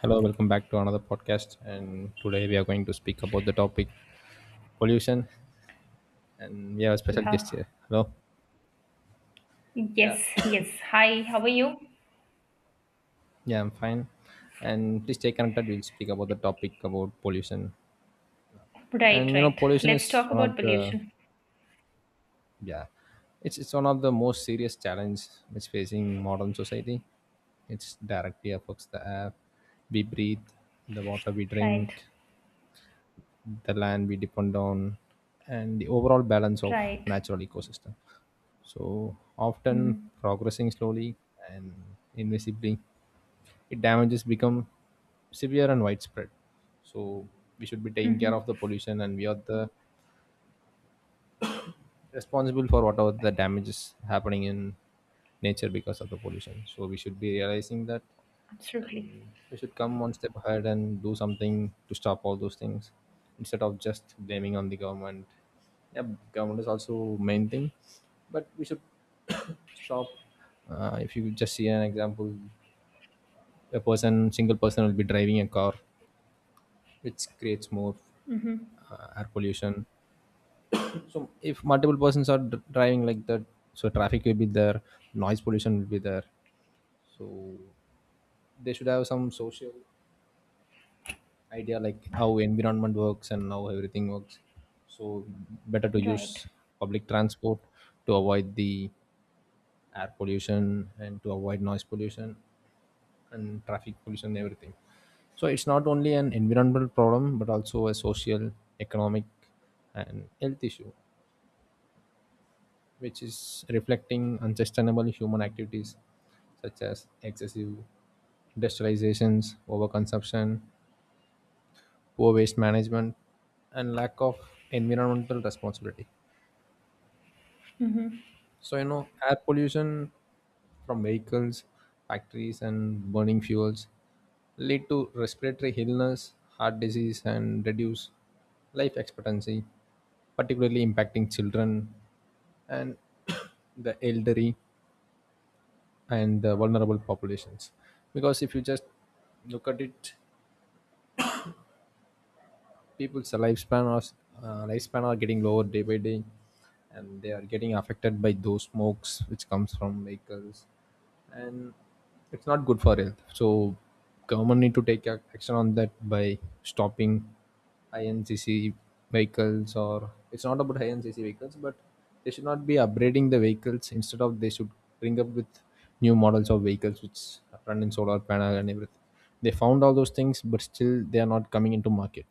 Hello, welcome back to another podcast. And today we are going to speak about the topic pollution. And we have a special guest Yeah. here. Hello. Yeah, Yes, yes. Hi, how are you? yeah, I'm fine. And please stay connected. We'll speak about the topic about pollution. Right, And you know, right. pollution Let's is talk one about of the pollution. yeah, it's one of the most serious challenge which facing modern society. It's directly affects the air we breathe, the water we Right, drink, the land we depend on, and the overall balance of right. natural ecosystem. So often Mm-hmm. progressing slowly and invisibly, it damages become severe and widespread. So we should be taking care of Mm-hmm. the pollution, and we are the responsible for whatever the damage is happening in nature because of the pollution, so we should be realizing that. Absolutely. And we should come one step ahead and do something to stop all those things instead of just blaming on the government. Yeah, government is also main thing, but we should stop. If you just see an example, a person, single person will be driving a car which creates more Mm-hmm. Air pollution. So if multiple persons are driving like that, so traffic will be there, noise pollution will be there. So they should have some social idea like how environment works and how everything works. So better to Right. use public transport to avoid the air pollution and to avoid noise pollution and traffic pollution and everything. So it's not only an environmental problem but also a social, economic, and health issue which is reflecting unsustainable human activities such as excessive industrializations, overconsumption, poor waste management, and lack of environmental responsibility. Mm-hmm. So, you know, air pollution from vehicles, factories, and burning fuels lead to respiratory illness, heart disease, and reduce life expectancy, particularly impacting children and the elderly and the vulnerable populations. Because if you just look at it, people's lifespan are getting lower day by day, and they are getting affected by those smokes which comes from vehicles, and it's not good for health. So, government need to take action on that by stopping INCC vehicles, or it's not about INCC vehicles, but they should not be upgrading the vehicles. Instead of they should bring up with new models of vehicles which run in solar panel and everything. They found all those things but still they are not coming into market,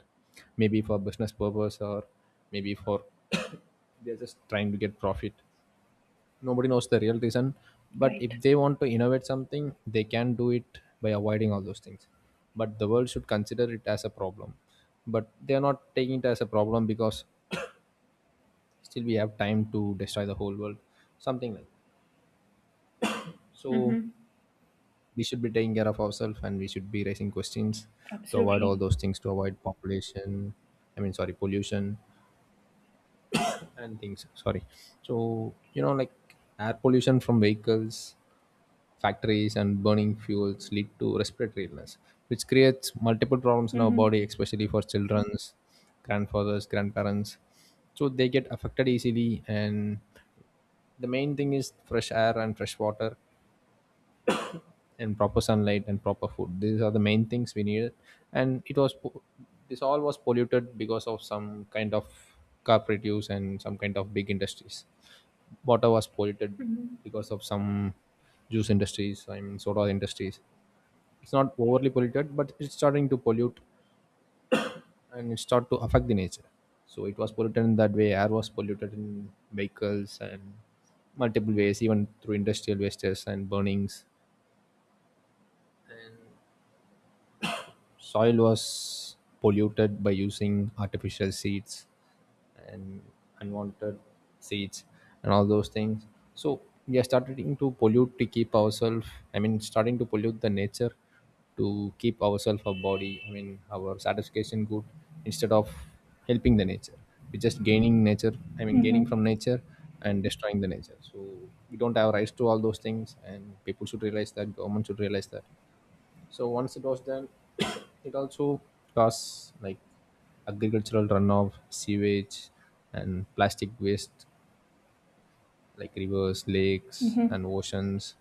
maybe for business purpose or maybe for they're just trying to get profit. Nobody knows the real reason, but if Right. they want to innovate something they can do it by avoiding all those things. But the world should consider it as a problem, but they are not taking it as a problem because still we have time to destroy the whole world, something like that. So Mm-hmm. we should be taking care of ourselves and we should be raising questions to avoid all Absolutely. those things, to avoid population, I mean sorry, pollution, and things, sorry. So you know like air pollution from vehicles, factories, and burning fuels lead to respiratory illness, which creates multiple problems in our Mm-hmm. body especially for children's, grandfathers, grandparents. So they get affected easily, and the main thing is fresh air and fresh water and proper sunlight and proper food. These are the main things we needed. And it was this all was polluted because of some kind of corporate use and some kind of big industries. Water was polluted Mm-hmm. because of some juice industries, I mean soda industries. It's not overly polluted but it's starting to pollute, and it start to affect the nature. So it was polluted in that way. Air was polluted in vehicles and multiple ways, even through industrial wastes and burnings. And soil was polluted by using artificial seeds and unwanted seeds and all those things. So we are starting to pollute to keep ourselves, I mean starting to pollute the nature to keep ourselves, our body, I mean our satisfaction good, instead of helping the nature. We're just gaining nature, I mean gaining Mm-hmm. from nature and destroying the nature. So we don't have rights to all those things, and people should realize that, government should realize that. So once it was done, it also caused like agricultural runoff, sewage, and plastic waste like rivers, lakes, Mm-hmm. and oceans,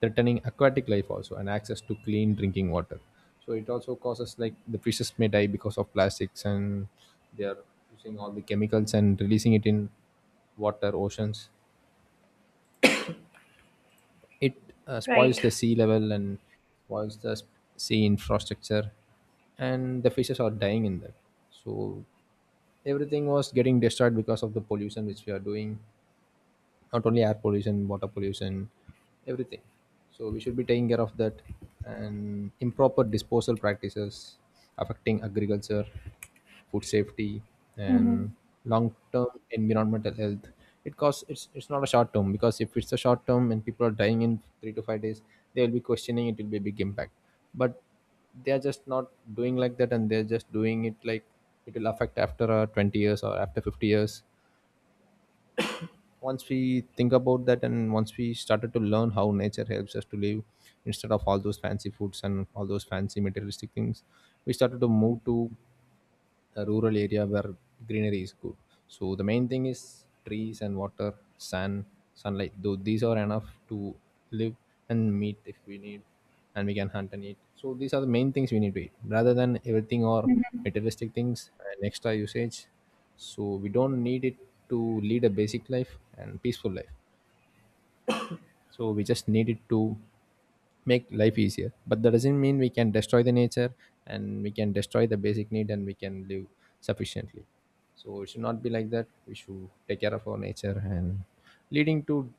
threatening aquatic life also and access to clean drinking water. So it also causes like the fishes may die because of plastics, and they are using all the chemicals and releasing it in water, oceans. It spoils Right. the sea level and spoils the sea infrastructure, and the fishes are dying in that. So everything was getting destroyed because of the pollution which we are doing, not only air pollution, water pollution, everything. So we should be taking care of that. And improper disposal practices affecting agriculture, food safety, and Mm-hmm. long-term environmental health. It costs. It's not a short term, because if it's a short term and people are dying in 3 to 5 days, they will be questioning, it will be a big impact. But they are just not doing like that, and they're just doing it like it will affect after 20 years or after 50 years. Once we think about that and once we started to learn how nature helps us to live instead of all those fancy foods and all those fancy materialistic things, we started to move to a rural area where greenery is good. So the main thing is trees and water, sun, sunlight. Though these are enough to live and meet if we need, and we can hunt and eat. So these are the main things we need to eat, rather than everything or Mm-hmm. materialistic things and extra usage. So we don't need it to lead a basic life and peaceful life. So we just needed to make life easier, but that doesn't mean we can destroy the nature and we can destroy the basic need and we can live sufficiently. So it should not be like that. We should take care of our nature and leading to,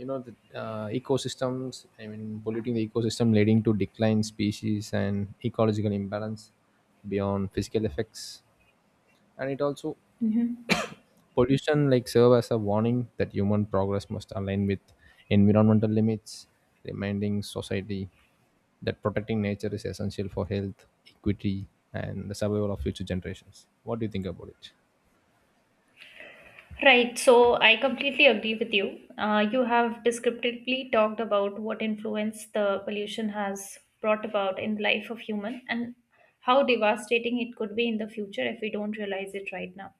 you know, the ecosystems, I mean polluting the ecosystem, leading to decline species and ecological imbalance beyond physical effects. And it also, Mm-hmm. pollution like serve as a warning that human progress must align with environmental limits, reminding society that protecting nature is essential for health equity and the survival of future generations. What do you think about it? Right, so I completely agree with you. You have descriptively talked about what influence the pollution has brought about in the life of human and how devastating it could be in the future if we don't realize it right now.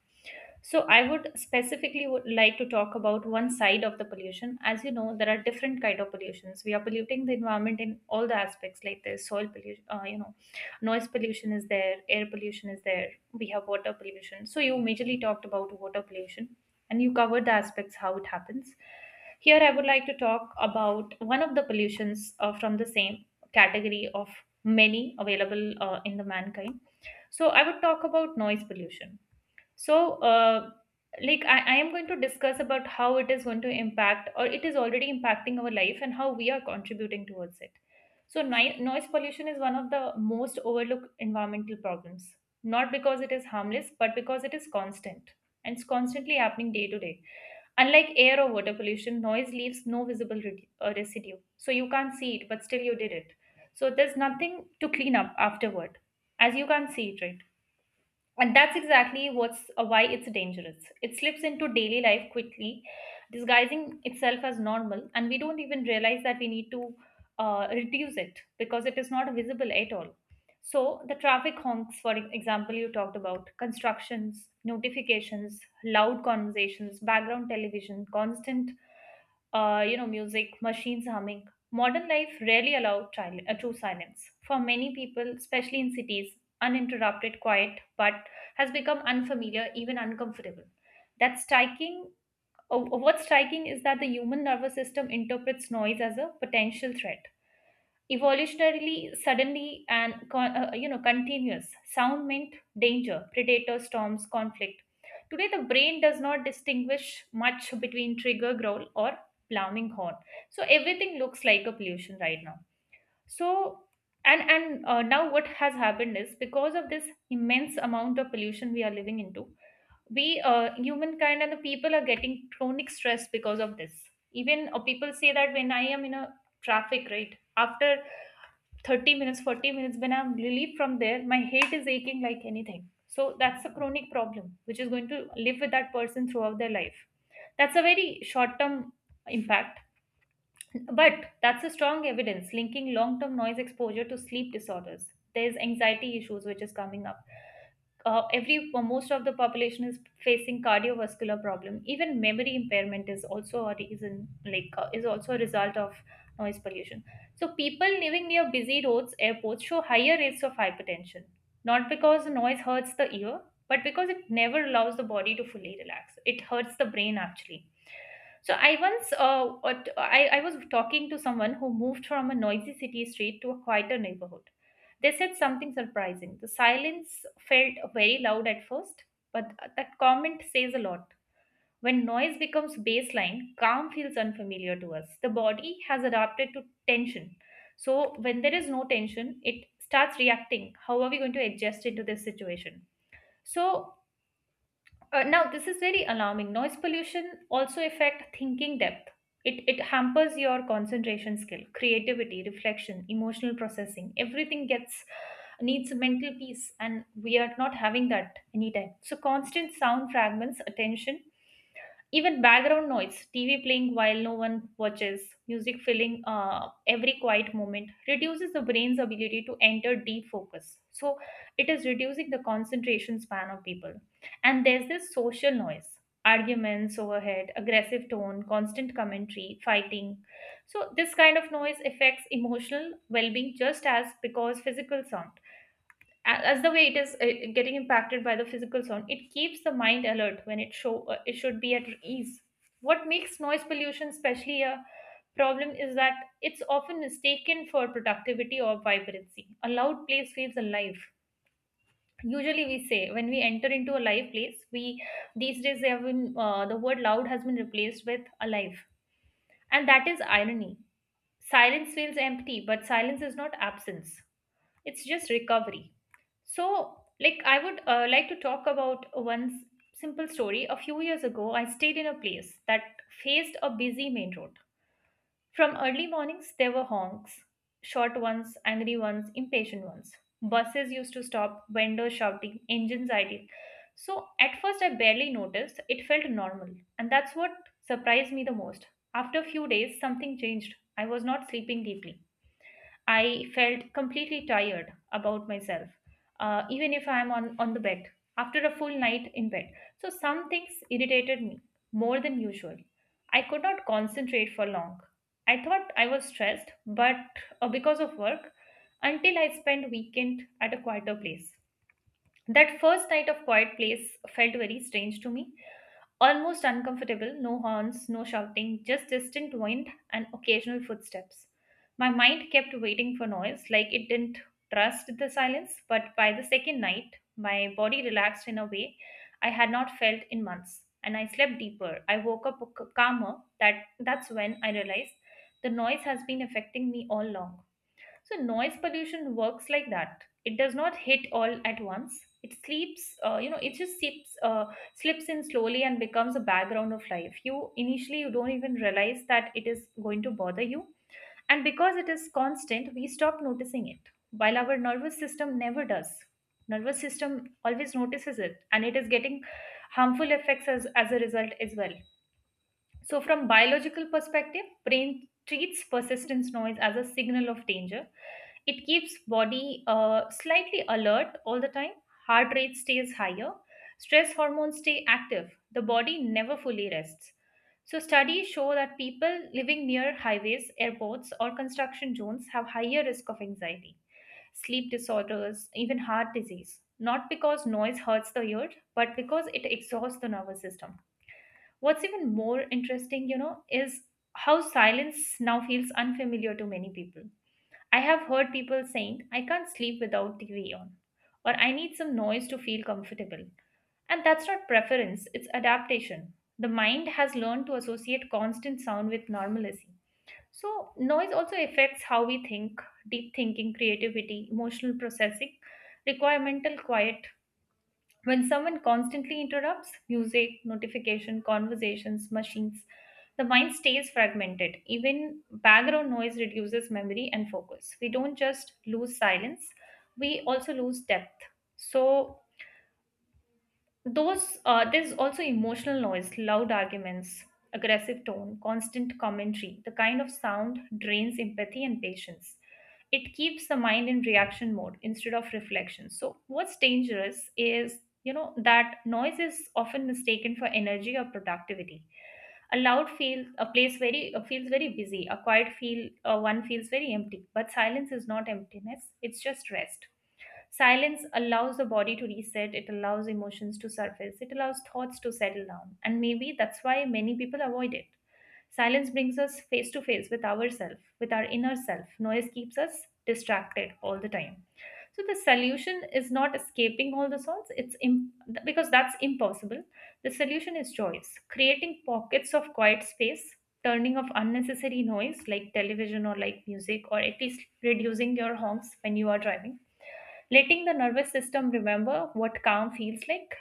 So I would specifically would like to talk about one side of the pollution. As you know, there are different kind of pollutions. We are polluting the environment in all the aspects, like the soil pollution, noise pollution is there, air pollution is there. We have water pollution. So you majorly talked about water pollution, and you covered the aspects how it happens. Here, I would like to talk about one of the pollutions from the same category of many available in the mankind. So I would talk about noise pollution, so like I am going to discuss about how it is going to impact or it is already impacting our life and how we are contributing towards it. So noise pollution is one of the most overlooked environmental problems, not because it is harmless, but because it is constant and it's constantly happening day to day. Unlike air or water pollution, noise leaves no visible residue, so you can't see it, but still you did it. So there's nothing to clean up afterward, as you can't see it, right? And that's exactly what's why it's dangerous. It slips into daily life quickly, disguising itself as normal, and we don't even realize that we need to reduce it because it is not visible at all. So, the traffic honks, for example, you talked about constructions, notifications, loud conversations, background television, constant, music, machines humming. Modern life rarely allows true silence. For many people, especially in cities, uninterrupted quiet but has become unfamiliar, even uncomfortable. That's striking. Oh, What's striking is that the human nervous system interprets noise as a potential threat. Evolutionarily, suddenly and continuous sound meant danger, predator, storms, conflict. Today, the brain does not distinguish much between trigger growl or plowing horn. So everything looks like a pollution right now. So and now what has happened is because of this immense amount of pollution we are living into, we, humankind and the people, are getting chronic stress because of this. Even people say that when I am in a traffic, right after 30 minutes, 40 minutes, when I'm relieved from there, my head is aching like anything. So that's a chronic problem which is going to live with that person throughout their life. That's a very short term impact, but that's a strong evidence linking long term noise exposure to sleep disorders. There's anxiety issues which is coming up. Every Most of the population is facing cardiovascular problem. Even memory impairment is also a reason, like is also a result of noise pollution. So people living near busy roads, airports show higher rates of hypertension, not because the noise hurts the ear, but because it never allows the body to fully relax. It hurts the brain actually. So I once I was talking to someone who moved from a noisy city street to a quieter neighborhood. They said something surprising. The silence felt very loud at first, but that comment says a lot. When noise becomes baseline, calm feels unfamiliar to us. The body has adapted to tension. So, when there is no tension, it starts reacting. How are we going to adjust into this situation? So, now, this is very alarming. Noise pollution also affect thinking depth. It hampers your concentration skill, creativity, reflection, emotional processing. Everything gets needs mental peace, and we are not having that anytime. So, constant sound fragments attention, even background noise, TV playing while no one watches, music filling every quiet moment, reduces the brain's ability to enter deep focus. So, it is reducing the concentration span of people. And there's this social noise, arguments overhead, aggressive tone, constant commentary, fighting. So, this kind of noise affects emotional well being just as because physical sound, as the way it is getting impacted by the physical sound, it keeps the mind alert when it should be at ease. What makes noise pollution especially a problem is that it's often mistaken for productivity or vibrancy. A loud place feels alive. Usually we say when we enter into a live place we, these days, they have been, the word loud has been replaced with alive, and that is irony. Silence feels empty, but silence is not absence, it's just recovery. So, like, I would like to talk about simple story. A few years ago, I stayed in a place that faced a busy main road. From early mornings, there were honks, short ones, angry ones, impatient ones. Buses used to stop, vendors shouting, engines idling. So at first, I barely noticed. It felt normal. And that's what surprised me the most. After a few days, something changed. I was not sleeping deeply. I felt completely tired about myself, even if I'm on the bed after a full night in bed. So, some things irritated me more than usual. I could not concentrate for long. I thought I was stressed, but because of work, until I spent weekend at a quieter place. That first night of quiet place felt very strange to me. Almost uncomfortable, no horns, no shouting, just distant wind and occasional footsteps. My mind kept waiting for noise, like it didn't trust the silence, but by the second night, my body relaxed in a way I had not felt in months, and I slept deeper. I woke up calmer. That's when I realized the noise has been affecting me all along. So noise pollution works like that. It does not hit all at once. It sleeps, it just slips in slowly and becomes a background of life. You initially you don't even realize that it is going to bother you, and because it is constant, we stop noticing it. While our nervous system never does. Nervous system always notices it, and it is getting harmful effects as a result as well. So, from biological perspective, brain treats persistence noise as a signal of danger. It keeps body slightly alert all the time. Heart rate stays higher. Stress hormones stay active. The body never fully rests. So, studies show that people living near highways, airports, or construction zones have higher risk of anxiety, sleep disorders, even heart disease. Not because noise hurts the ear, but because it exhausts the nervous system. What's even more interesting, you know, is how silence now feels unfamiliar to many people. I have heard people saying, I can't sleep without TV on, or I need some noise to feel comfortable. And that's not preference, it's adaptation. The mind has learned to associate constant sound with normalcy. So, noise also affects how we think, deep thinking, creativity, emotional processing, require mental quiet. When someone constantly interrupts music, notification, conversations, machines, the mind stays fragmented. Even background noise reduces memory and focus. We don't just lose silence, we also lose depth. So, those there's also emotional noise, loud arguments, aggressive tone, constant commentary. The kind of sound drains empathy and patience. It keeps the mind in reaction mode instead of reflection. So what's dangerous is, you know, that noise is often mistaken for energy or productivity. A loud feel a place very feels very busy. A quiet feel one feels very empty. But silence is not emptiness. It's just rest. Silence allows the body to reset, it allows emotions to surface, it allows thoughts to settle down, and maybe that's why many people avoid it. Silence brings us face to face with ourselves, with our inner self. Noise keeps us distracted all the time. So the solution is not escaping all the thoughts, because that's impossible. The solution is choice, creating pockets of quiet space, turning off unnecessary noise like television or like music, or at least reducing your honks when you are driving, letting the nervous system remember what calm feels like,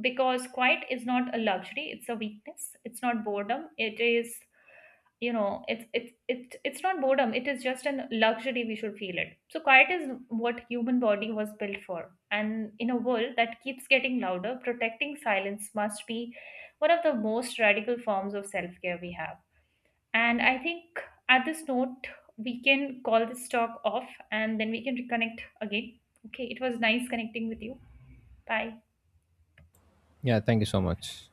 because quiet is not a luxury, it's a weakness, it's not boredom, it is, you know, it's not boredom, it is just an luxury we should feel it. So quiet is what human body was built for, and in a world that keeps getting louder, protecting silence must be one of the most radical forms of self-care we have. And I think at this note, we can call this talk off and then we can reconnect again. Okay, it was nice connecting with you. Bye. Yeah, thank you so much.